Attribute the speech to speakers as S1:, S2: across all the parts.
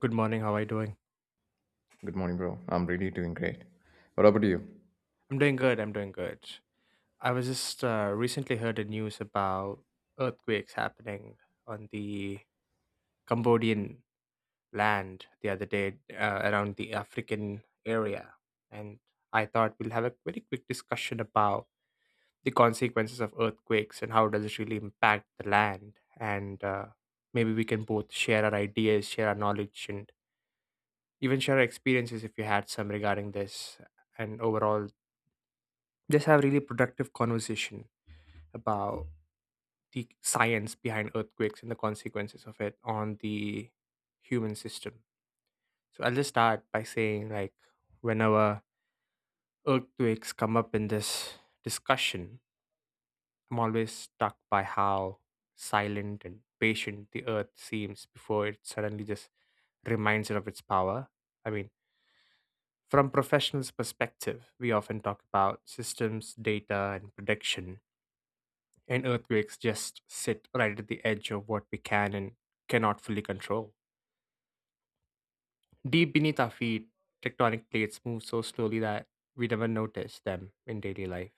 S1: Good morning. How are you doing?
S2: Good morning, bro. I'm really doing great. What about you?
S1: I'm doing good. I'm doing good. I was just recently heard the news about earthquakes happening on the Cambodian land the other day, around the African area, and I thought we'll have a very quick discussion about the consequences of earthquakes and how does it really impact the land, and maybe we can both share our ideas, share our knowledge, and even share our experiences if you had some regarding this, and overall just have really productive conversation about the science behind earthquakes and the consequences of it on the human system. So I'll just start by saying like whenever earthquakes come up in this discussion, I'm always struck by how silent and patient the earth seems before it suddenly just reminds it of its power. I mean, from professionals' perspective, we often talk about systems, data, and prediction, and earthquakes just sit right at the edge of what we can and cannot fully control. Deep beneath our feet, tectonic plates move so slowly that we never notice them in daily life.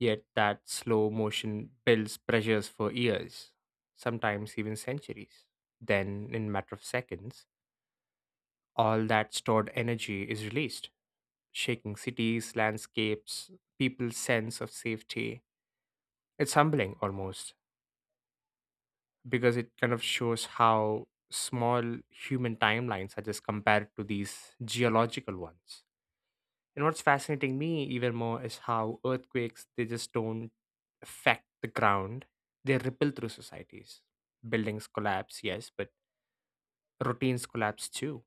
S1: Yet that slow motion builds pressures for years, sometimes even centuries. Then, in a matter of seconds, all that stored energy is released, shaking cities, landscapes, people's sense of safety. It's humbling almost because it kind of shows how small human timelines are just compared to these geological ones. And what's fascinating me even more is how earthquakes they just don't affect the ground. They ripple through societies. Buildings collapse, yes, but routines collapse too.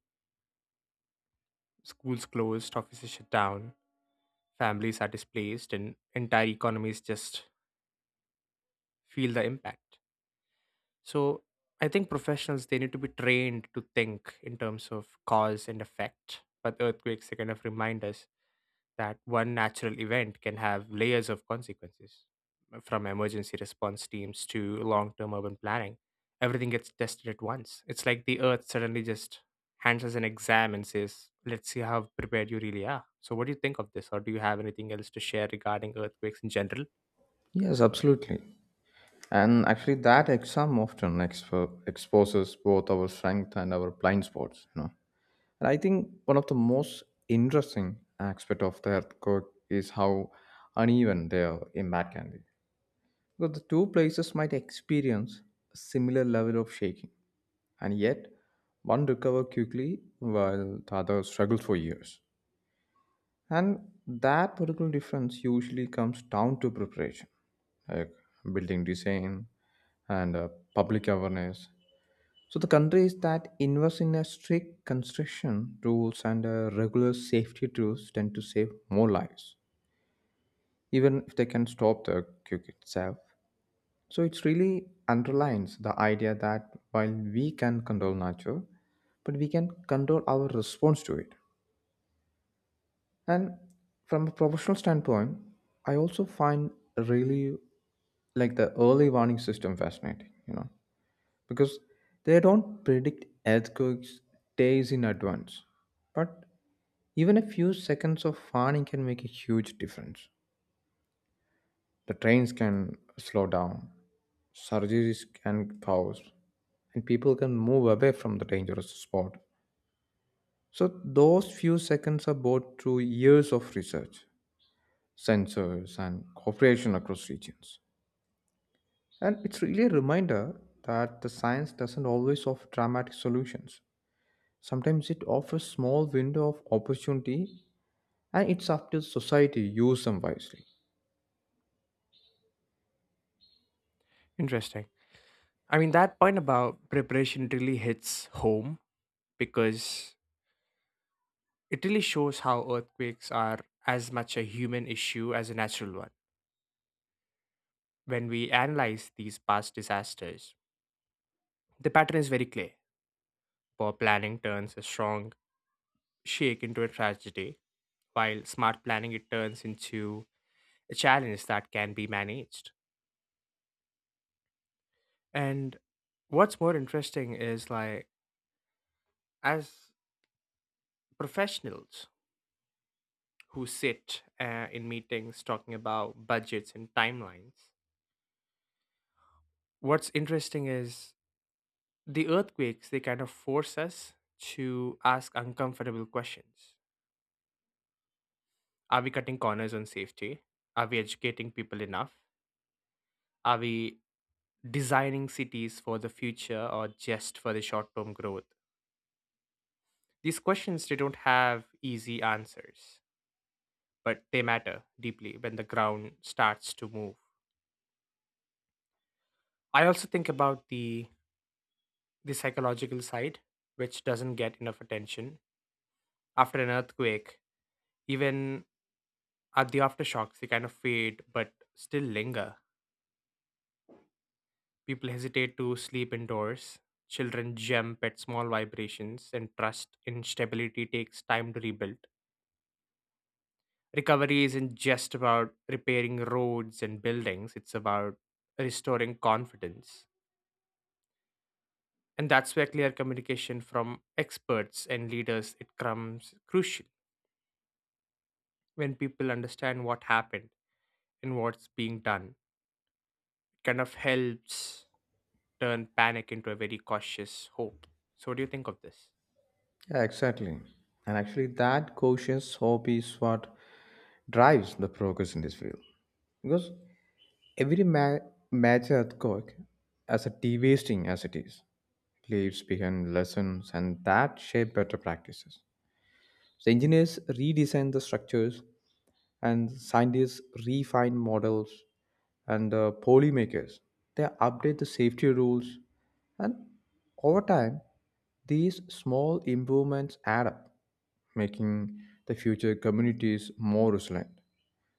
S1: Schools closed, offices shut down, families are displaced, and entire economies just feel the impact. So I think professionals they need to be trained to think in terms of cause and effect. But earthquakes they kind of remind us that one natural event can have layers of consequences. From emergency response teams to long term urban planning. Everything gets tested at once. It's like the earth suddenly just hands us an exam and says, "Let's see how prepared you really are." So what do you think of this? Or do you have anything else to share regarding earthquakes in general?
S2: Yes, absolutely. And actually, that exam often exposes both our strength and our blind spots. You know, and I think one of the most interesting aspect of the earthquake is how uneven their impact can be. Because the two places might experience a similar level of shaking, and yet one recover quickly while the other struggles for years. And that particular difference usually comes down to preparation, like building design and public awareness. So the countries that invest in a strict construction rules and regular safety tools tend to save more lives, even if they can stop the quake itself. So it really underlines the idea that while we can control nature, but we can control our response to it. And from a professional standpoint, I also find really like the early warning system fascinating, you know, because they don't predict earthquakes days in advance. But even a few seconds of warning can make a huge difference. The trains can slow down, surgeries can pause, and people can move away from the dangerous spot. So, those few seconds are bought through years of research, sensors, and cooperation across regions. And it's really a reminder that the science doesn't always offer dramatic solutions. Sometimes it offers small window of opportunity and it's up to society to use them wisely.
S1: Interesting. I mean, that point about preparation really hits home because it really shows how earthquakes are as much a human issue as a natural one. When we analyze these past disasters, the pattern is very clear. Poor planning turns a strong shake into a tragedy, while smart planning it turns into a challenge that can be managed. And what's more interesting is like as professionals who sit in meetings talking about budgets and timelines, what's interesting is the earthquakes, they kind of force us to ask uncomfortable questions. Are we cutting corners on safety? Are we educating people enough? Are we designing cities for the future or just for the short term growth? These questions, they don't have easy answers, but they matter deeply when the ground starts to move. I also think about the psychological side, which doesn't get enough attention. After an earthquake, even are the aftershocks, they kind of fade but still linger. People hesitate to sleep indoors. Children jump at small vibrations, and trust in stability takes time to rebuild. Recovery isn't just about repairing roads and buildings, it's about restoring confidence. And that's where clear communication from experts and leaders it comes crucial. When people understand what happened and what's being done, it kind of helps turn panic into a very cautious hope. So, what do you think of this?
S2: Yeah, exactly. And actually that cautious hope is what drives the progress in this field. Because every major earthquake, as a de-wasting as it is, leaves behind lessons and that shape better practices. So engineers redesign the structures, and scientists refine models, and polymakers they update the safety rules, and over time these small improvements add up, making the future communities more resilient.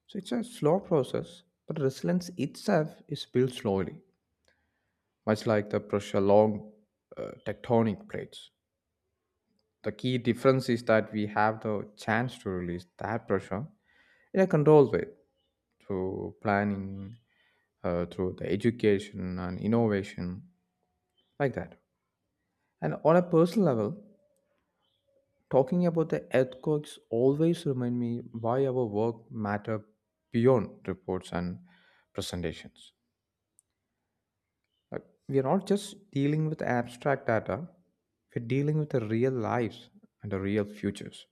S2: So it's a slow process, but resilience itself is built slowly, much like the pressure along tectonic plates. The key difference is that we have the chance to release that pressure in a controlled way through planning, through the education and innovation, like that. And on a personal level, talking about the earthquakes always remind me why our work matter beyond reports and presentations. Like we are not just dealing with abstract data; we're dealing with the real lives and the real futures.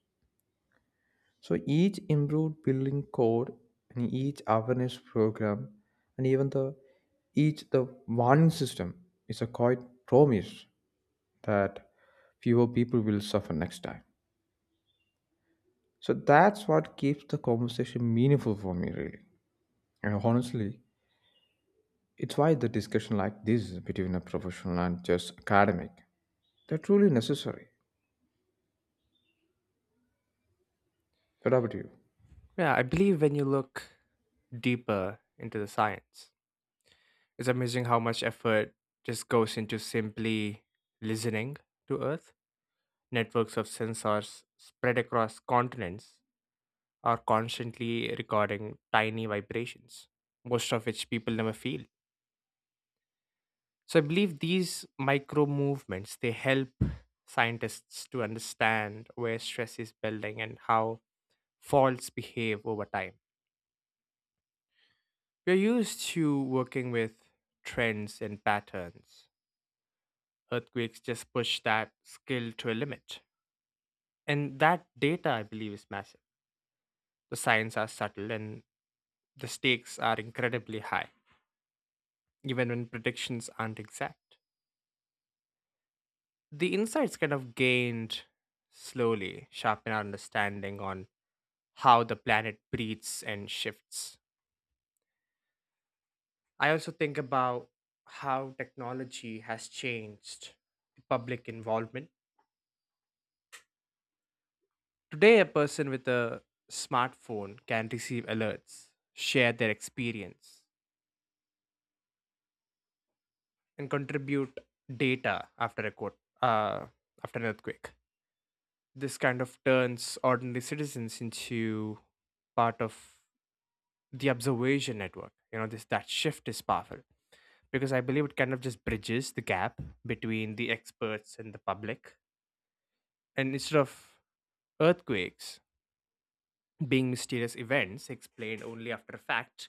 S2: So each improved building code and each awareness program and even the each the warning system is a quite promise that fewer people will suffer next time. So that's what keeps the conversation meaningful for me really. And honestly, it's why the discussion like this between a professional and just academic, they're truly necessary. What about you?
S1: Yeah, I believe when you look deeper into the science, it's amazing how much effort just goes into simply listening to Earth. Networks of sensors spread across continents are constantly recording tiny vibrations, most of which people never feel. So I believe these micro movements they help scientists to understand where stress is building and how faults behave over time. We're used to working with trends and patterns. Earthquakes just push that skill to a limit. And that data, I believe, is massive. The signs are subtle and the stakes are incredibly high, even when predictions aren't exact. The insights kind of gained slowly sharpen our understanding on how the planet breathes and shifts. I also think about how technology has changed the public involvement. Today, a person with a smartphone can receive alerts, share their experience, and contribute data after a quote, after an earthquake. This kind of turns ordinary citizens into part of the observation network. You know, this that shift is powerful because I believe it kind of just bridges the gap between the experts and the public, and instead of earthquakes being mysterious events explained only after fact,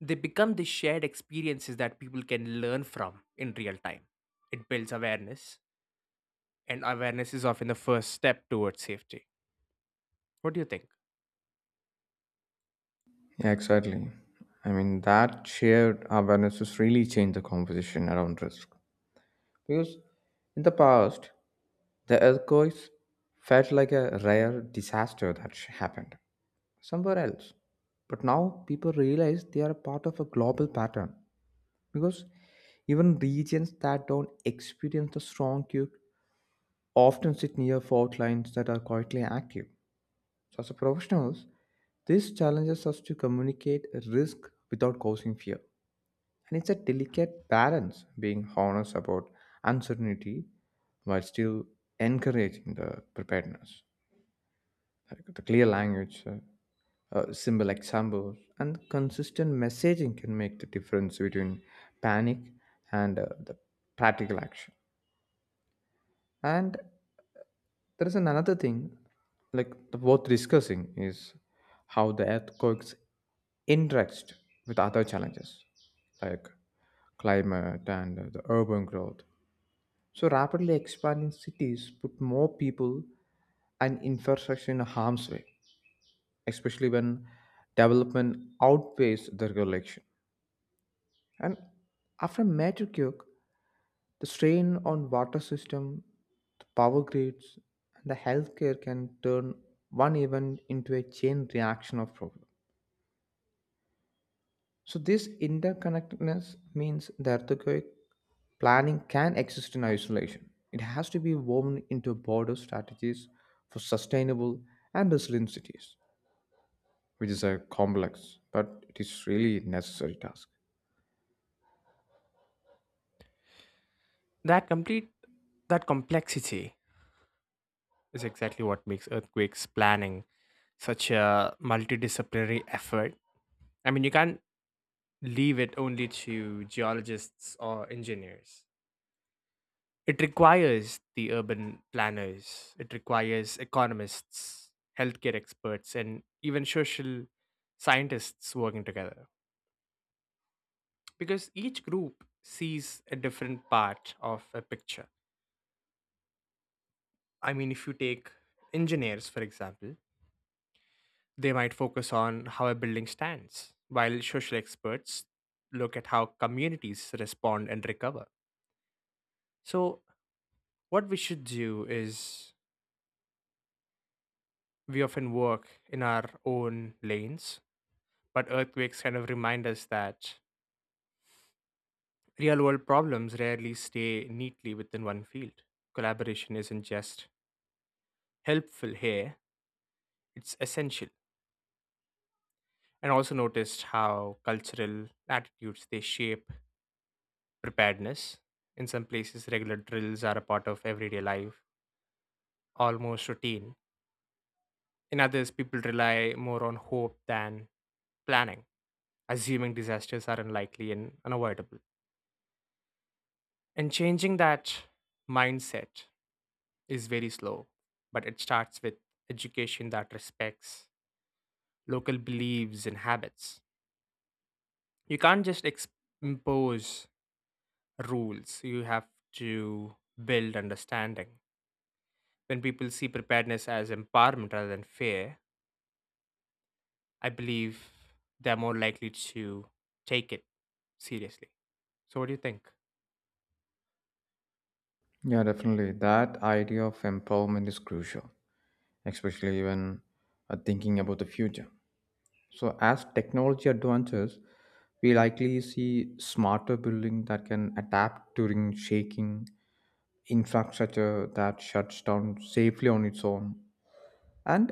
S1: they become the shared experiences that people can learn from in real time. It builds awareness, and awareness is often the first step towards safety. What do you think?
S2: Yeah, exactly. I mean that shared awareness has really changed the conversation around risk. Because in the past, the earthquakes felt like a rare disaster that happened somewhere else. But now people realize they are a part of a global pattern because even regions that don't experience a strong quake often sit near fault lines that are quietly active. So, as a professionals, this challenges us to communicate risk without causing fear. And it's a delicate balance being honest about uncertainty while still encouraging the preparedness. Like the clear language, simple examples, and consistent messaging can make the difference between panic and the practical action. And there is another thing, like the worth discussing is how the earthquakes interact with other challenges, like climate and the urban growth. So rapidly expanding cities put more people and infrastructure in harm's way, especially when development outpaced the regulation. And after major quake, the strain on water system, the power grids, and the healthcare can turn one event into a chain reaction of problems. So this interconnectedness means the earthquake planning can exist in isolation. It has to be woven into broader strategies for sustainable and resilient cities, which is a complex but it is really necessary task.
S1: That complete that complexity is exactly what makes earthquakes planning such a multidisciplinary effort. I mean, you can't leave it only to geologists or engineers. It requires the urban planners, it requires economists, healthcare experts, and even social scientists working together because each group sees a different part of a picture. I mean, if you take engineers, for example, they might focus on how a building stands, while social experts look at how communities respond and recover. So, what we should do is we often work in our own lanes. But earthquakes kind of remind us that real world problems rarely stay neatly within one field. Collaboration isn't just helpful here, it's essential. And also noticed how cultural attitudes they shape preparedness. In some places, regular drills are a part of everyday life, almost routine. In others, people rely more on hope than planning, assuming disasters are unlikely and unavoidable. And changing that mindset is very slow, but it starts with education that respects local beliefs and habits. You can't just ex- impose rules, you have to build understanding. When people see preparedness as empowerment rather than fear, I believe they're more likely to take it seriously. So, what do you think?
S2: Yeah, definitely. That idea of empowerment is crucial, especially when thinking about the future. So, as technology advances, we likely see smarter building that can adapt during shaking infrastructure that shuts down safely on its own, and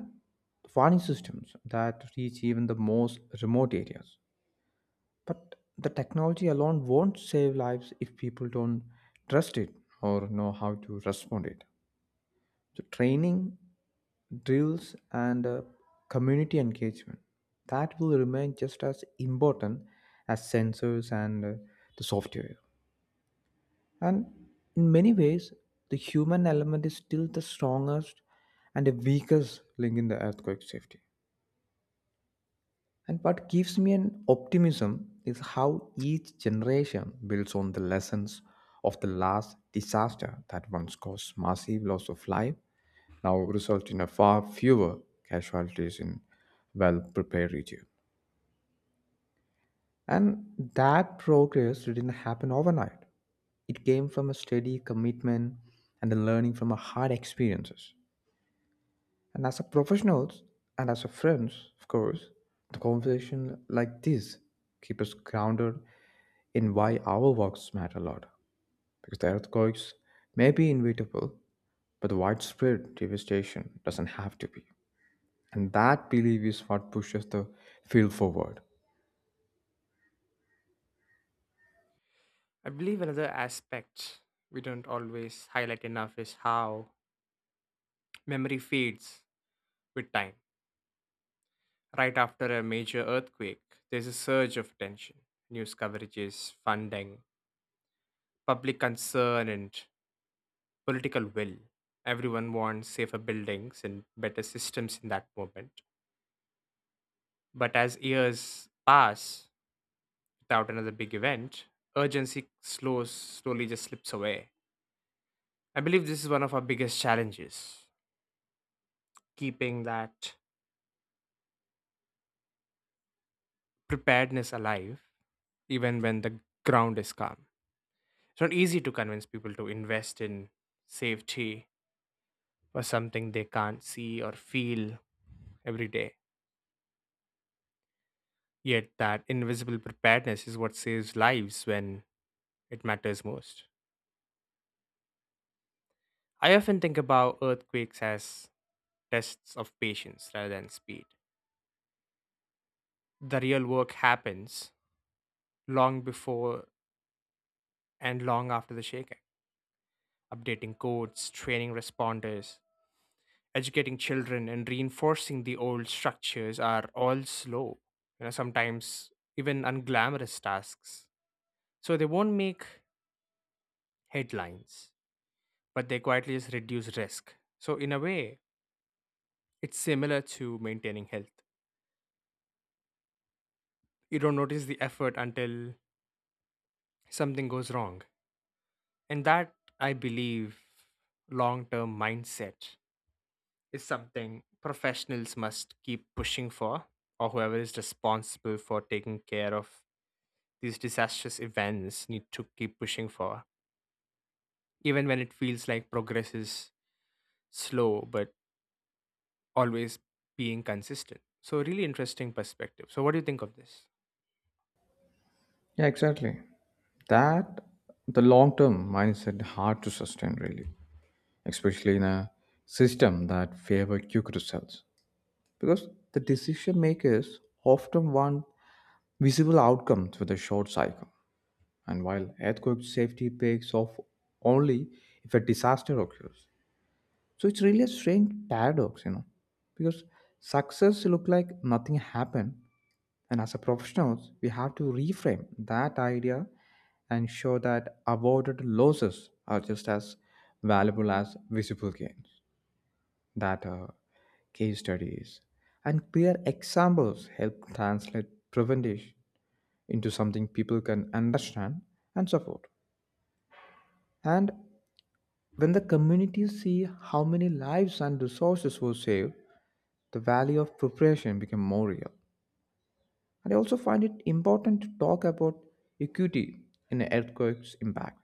S2: warning systems that reach even the most remote areas. But the technology alone won't save lives if people don't trust it or know how to respond it. So training, drills, and community engagement that will remain just as important as sensors and the software. And in many ways, the human element is still the strongest and the weakest link in the earthquake safety. And what gives me an optimism is how each generation builds on the lessons of the last disaster that once caused massive loss of life, now result in a far fewer casualties in well-prepared regions. And that progress didn't happen overnight. It came from a steady commitment and the learning from our hard experiences. And as a professionals and as a friends, of course, the conversation like this keep us grounded in why our works matter a lot. Because the earthquakes may be inevitable, but the widespread devastation doesn't have to be. And that belief is what pushes the field forward.
S1: I believe another aspect we don't always highlight enough is how memory fades with time. Right after a major earthquake, there's a surge of tension. News coverages, funding, public concern, and political will. Everyone wants safer buildings and better systems in that moment. But as years pass without another big event, urgency slows, slowly just slips away. I believe this is one of our biggest challenges keeping that preparedness alive, even when the ground is calm. It's not easy to convince people to invest in safety for something they can't see or feel every day. Yet, that invisible preparedness is what saves lives when it matters most. I often think about earthquakes as tests of patience rather than speed. The real work happens long before and long after the shaking, updating codes, training responders, educating children, and reinforcing the old structures are all slow. You know, sometimes even unglamorous tasks. So they won't make headlines, but they quietly just reduce risk. So, in a way, it's similar to maintaining health. You don't notice the effort until something goes wrong. And that, I believe, long term mindset is something professionals must keep pushing for, or whoever is responsible for taking care of these disastrous events need to keep pushing for, even when it feels like progress is slow but always being consistent. So, really interesting perspective. So, what do you think of this?
S2: Yeah, exactly. That the long term mindset hard to sustain really, especially in a system that favor quick results. Because the decision makers often want visible outcomes with a short cycle. And while earthquake safety pays off only if a disaster occurs. So it's really a strange paradox, you know. Because success look like nothing happened and as a professionals, we have to reframe that idea and show that avoided losses are just as valuable as visible gains. That case studies and clear examples help translate prevention into something people can understand and support. And when the communities see how many lives and resources were saved, the value of preparation became more real. And I also find it important to talk about equity in earthquakes impact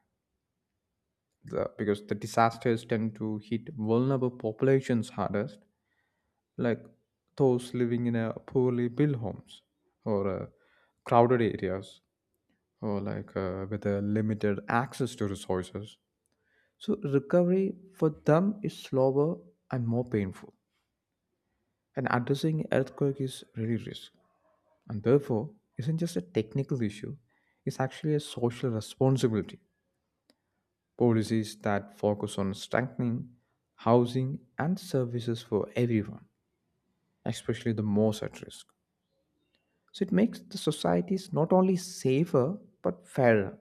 S2: the, because the disasters tend to hit vulnerable populations hardest, like those living in a poorly built homes or crowded areas or like with a limited access to resources. So recovery for them is slower and more painful. And addressing earthquake is really risk. And therefore, isn't just a technical issue, it's actually a social responsibility. Policies that focus on strengthening housing and services for everyone, especially the most at risk. So it makes the societies not only safer but fairer.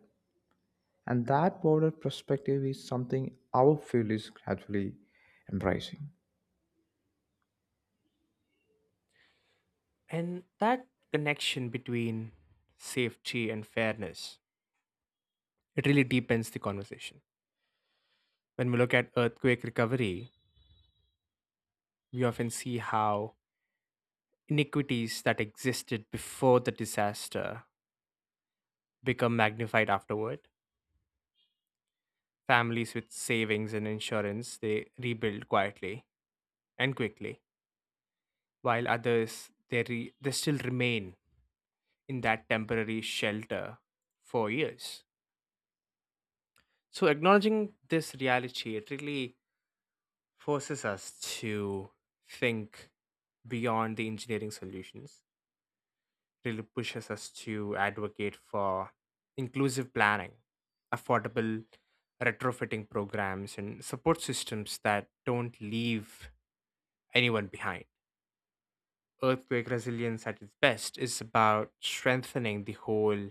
S2: And that broader perspective is something our field is gradually embracing.
S1: And that connection between safety and fairness, it really deepens the conversation. When we look at earthquake recovery, we often see how iniquities that existed before the disaster become magnified afterward. Families with savings and insurance, they rebuild quietly and quickly, while others, they still remain in that temporary shelter for years. So, acknowledging this reality, it really forces us to think beyond the engineering solutions, really pushes us to advocate for inclusive planning, affordable retrofitting programs, and support systems that don't leave anyone behind. Earthquake resilience at its best is about strengthening the whole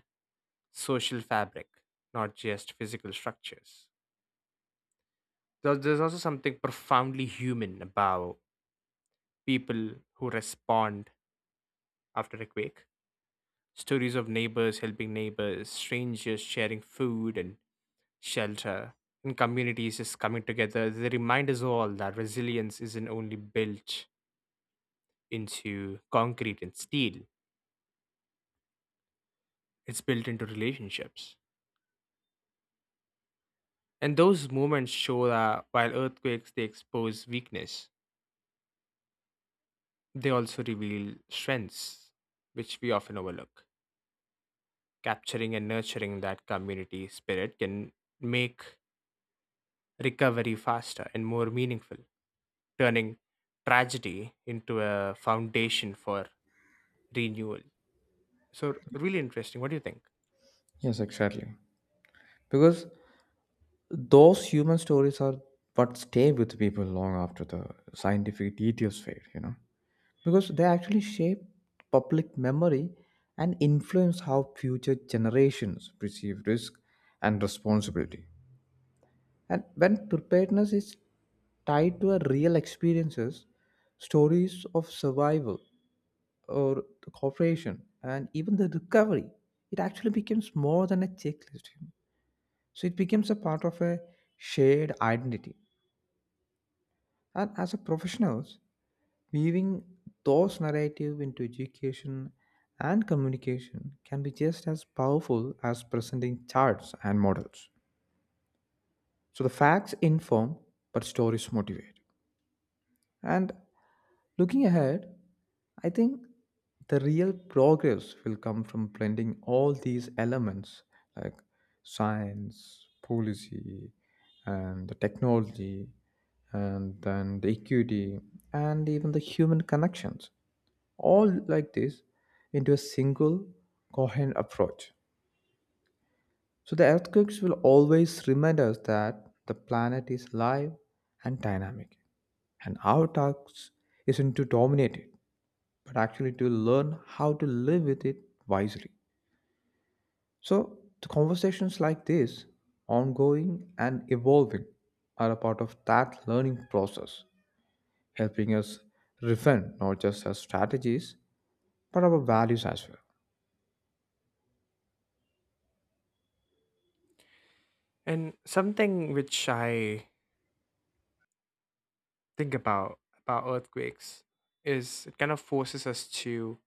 S1: social fabric, not just physical structures. There's also something profoundly human about people who respond after a quake. Stories of neighbors helping neighbors, strangers sharing food and shelter, and communities just coming together. They remind us all that resilience isn't only built into concrete and steel, it's built into relationships. And those moments show that while earthquakes they expose weakness, they also reveal strengths, which we often overlook. Capturing and nurturing that community spirit can make recovery faster and more meaningful, turning tragedy into a foundation for renewal. So, really interesting. What do you think?
S2: Yes, exactly. Because those human stories are what stay with people long after the scientific details fade, you know, because they actually shape public memory and influence how future generations perceive risk and responsibility. And when preparedness is tied to a real experiences, stories of survival or the cooperation and even the recovery, it actually becomes more than a checklist. So it becomes a part of a shared identity. And as a professionals, weaving those narrative into education and communication can be just as powerful as presenting charts and models. So the facts inform, but stories motivate. And looking ahead, I think the real progress will come from blending all these elements like science, policy, and the technology, and then the equity, and even the human connections all like this into a single coherent approach. So the earthquakes will always remind us that the planet is alive and dynamic, and our task isn't to dominate it, but actually to learn how to live with it wisely. So the conversations like this, ongoing and evolving, are a part of that learning process, helping us refine not just our strategies, but our values as well.
S1: And something which I think about earthquakes is it kind of forces us to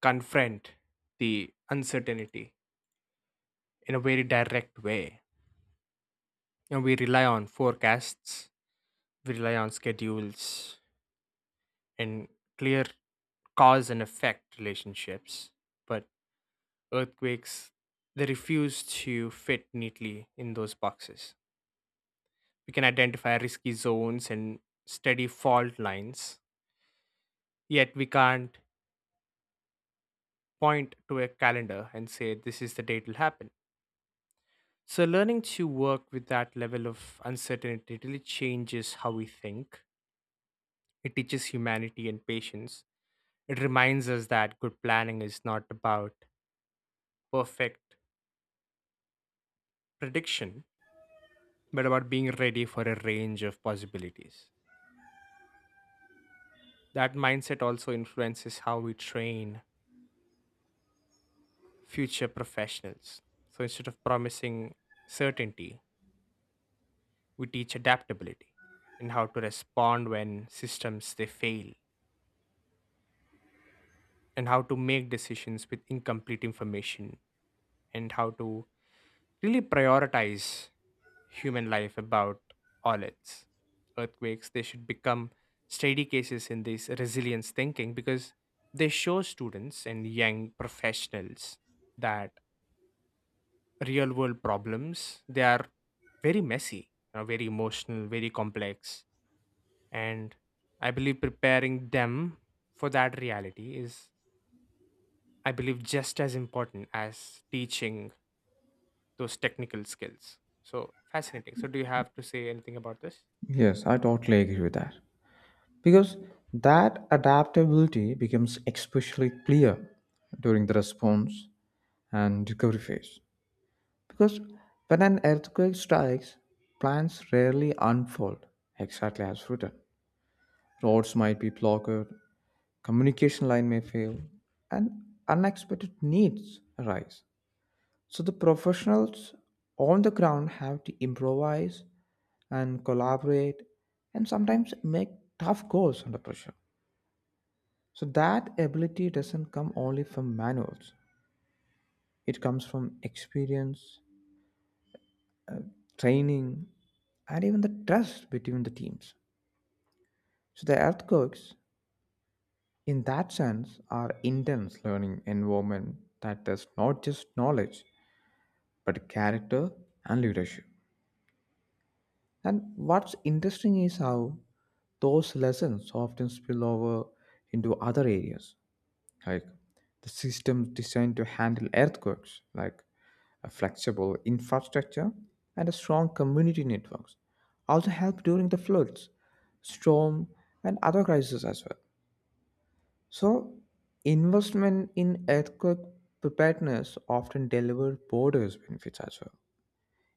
S1: confront the uncertainty in a very direct way. You know, we rely on forecasts, we rely on schedules, and clear cause and effect relationships. But earthquakes, they refuse to fit neatly in those boxes. We can identify risky zones and steady fault lines, yet we can't point to a calendar and say this is the date will happen. So, learning to work with that level of uncertainty really changes how we think. It teaches humanity and patience. It reminds us that good planning is not about perfect prediction, but about being ready for a range of possibilities. That mindset also influences how we train future professionals. So instead of promising certainty, we teach adaptability and how to respond when systems they fail and how to make decisions with incomplete information and how to really prioritize human life about all its earthquakes. They should become study cases in this resilience thinking because they show students and young professionals that real world problems they are very messy, you know, very emotional, very complex, and I believe preparing them for that reality is, I believe, just as important as teaching those technical skills. So fascinating. So, do you have to say anything about this?
S2: Yes, I totally agree with that. Because that adaptability becomes especially clear during the response and recovery phase. Because when an earthquake strikes, plans rarely unfold exactly as written. Roads might be blocked, communication line may fail, and unexpected needs arise. So the professionals on the ground have to improvise and collaborate and sometimes make tough calls under pressure. So that ability doesn't come only from manuals. It comes from experience, training, and even the trust between the teams. So the earthquakes, in that sense, are intense learning environment that does not just knowledge, but character and leadership. And what's interesting is how those lessons often spill over into other areas like the system designed to handle earthquakes like a flexible infrastructure and a strong community networks also help during the floods, storm, and other crises as well. So investment in earthquake preparedness often delivers borders benefits as well.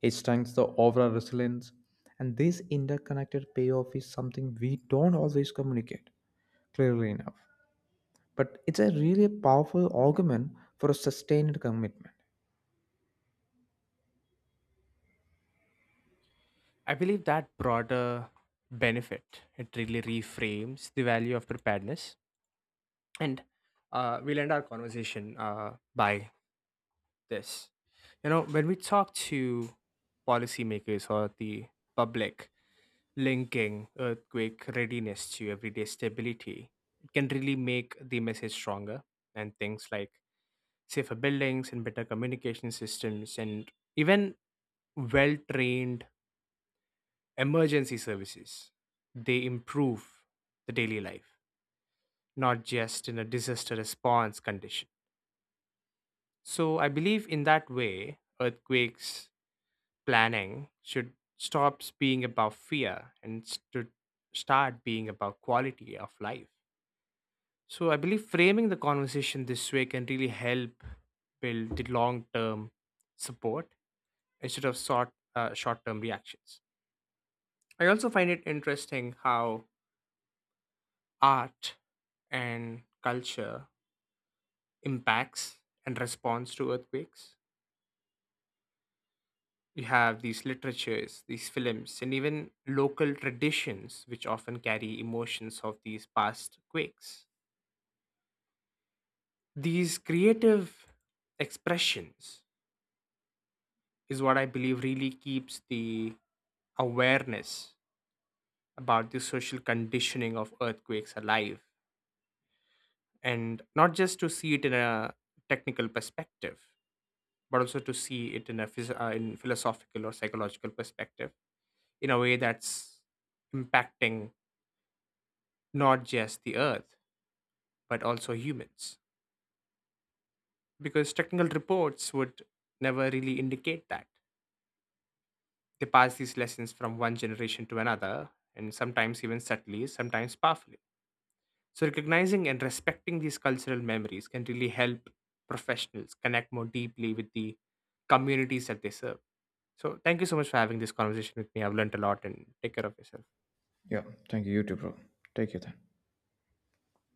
S2: It strengthens the overall resilience, and this interconnected payoff is something we don't always communicate clearly enough, but it's a really powerful argument for a sustained commitment.
S1: I believe that broader benefit it really reframes the value of preparedness, and we'll end our conversation by this. You know, when we talk to policymakers or the public, linking earthquake readiness to everyday stability, it can really make the message stronger. And things like safer buildings and better communication systems, and even well trained emergency services they improve the daily life, not just in a disaster response condition. So I believe in that way earthquakes planning should stop being about fear and should start being about quality of life. So I believe framing the conversation this way can really help build the long term support instead of short term reactions. I also find it interesting how art and culture impacts and responds to earthquakes. We have these literatures, these films, and even local traditions, which often carry emotions of these past quakes. These creative expressions is what I believe really keeps the awareness about the social conditioning of earthquakes alive, and not just to see it in a technical perspective but also to see it in a in philosophical or psychological perspective in a way that's impacting not just the earth but also humans, because technical reports would never really indicate that they pass these lessons from one generation to another, and sometimes even subtly, sometimes powerfully. So recognizing and respecting these cultural memories can really help professionals connect more deeply with the communities that they serve. So thank you so much for having this conversation with me. I've learned a lot and take care of yourself.
S2: Yeah, thank you. You too, bro. Take care then.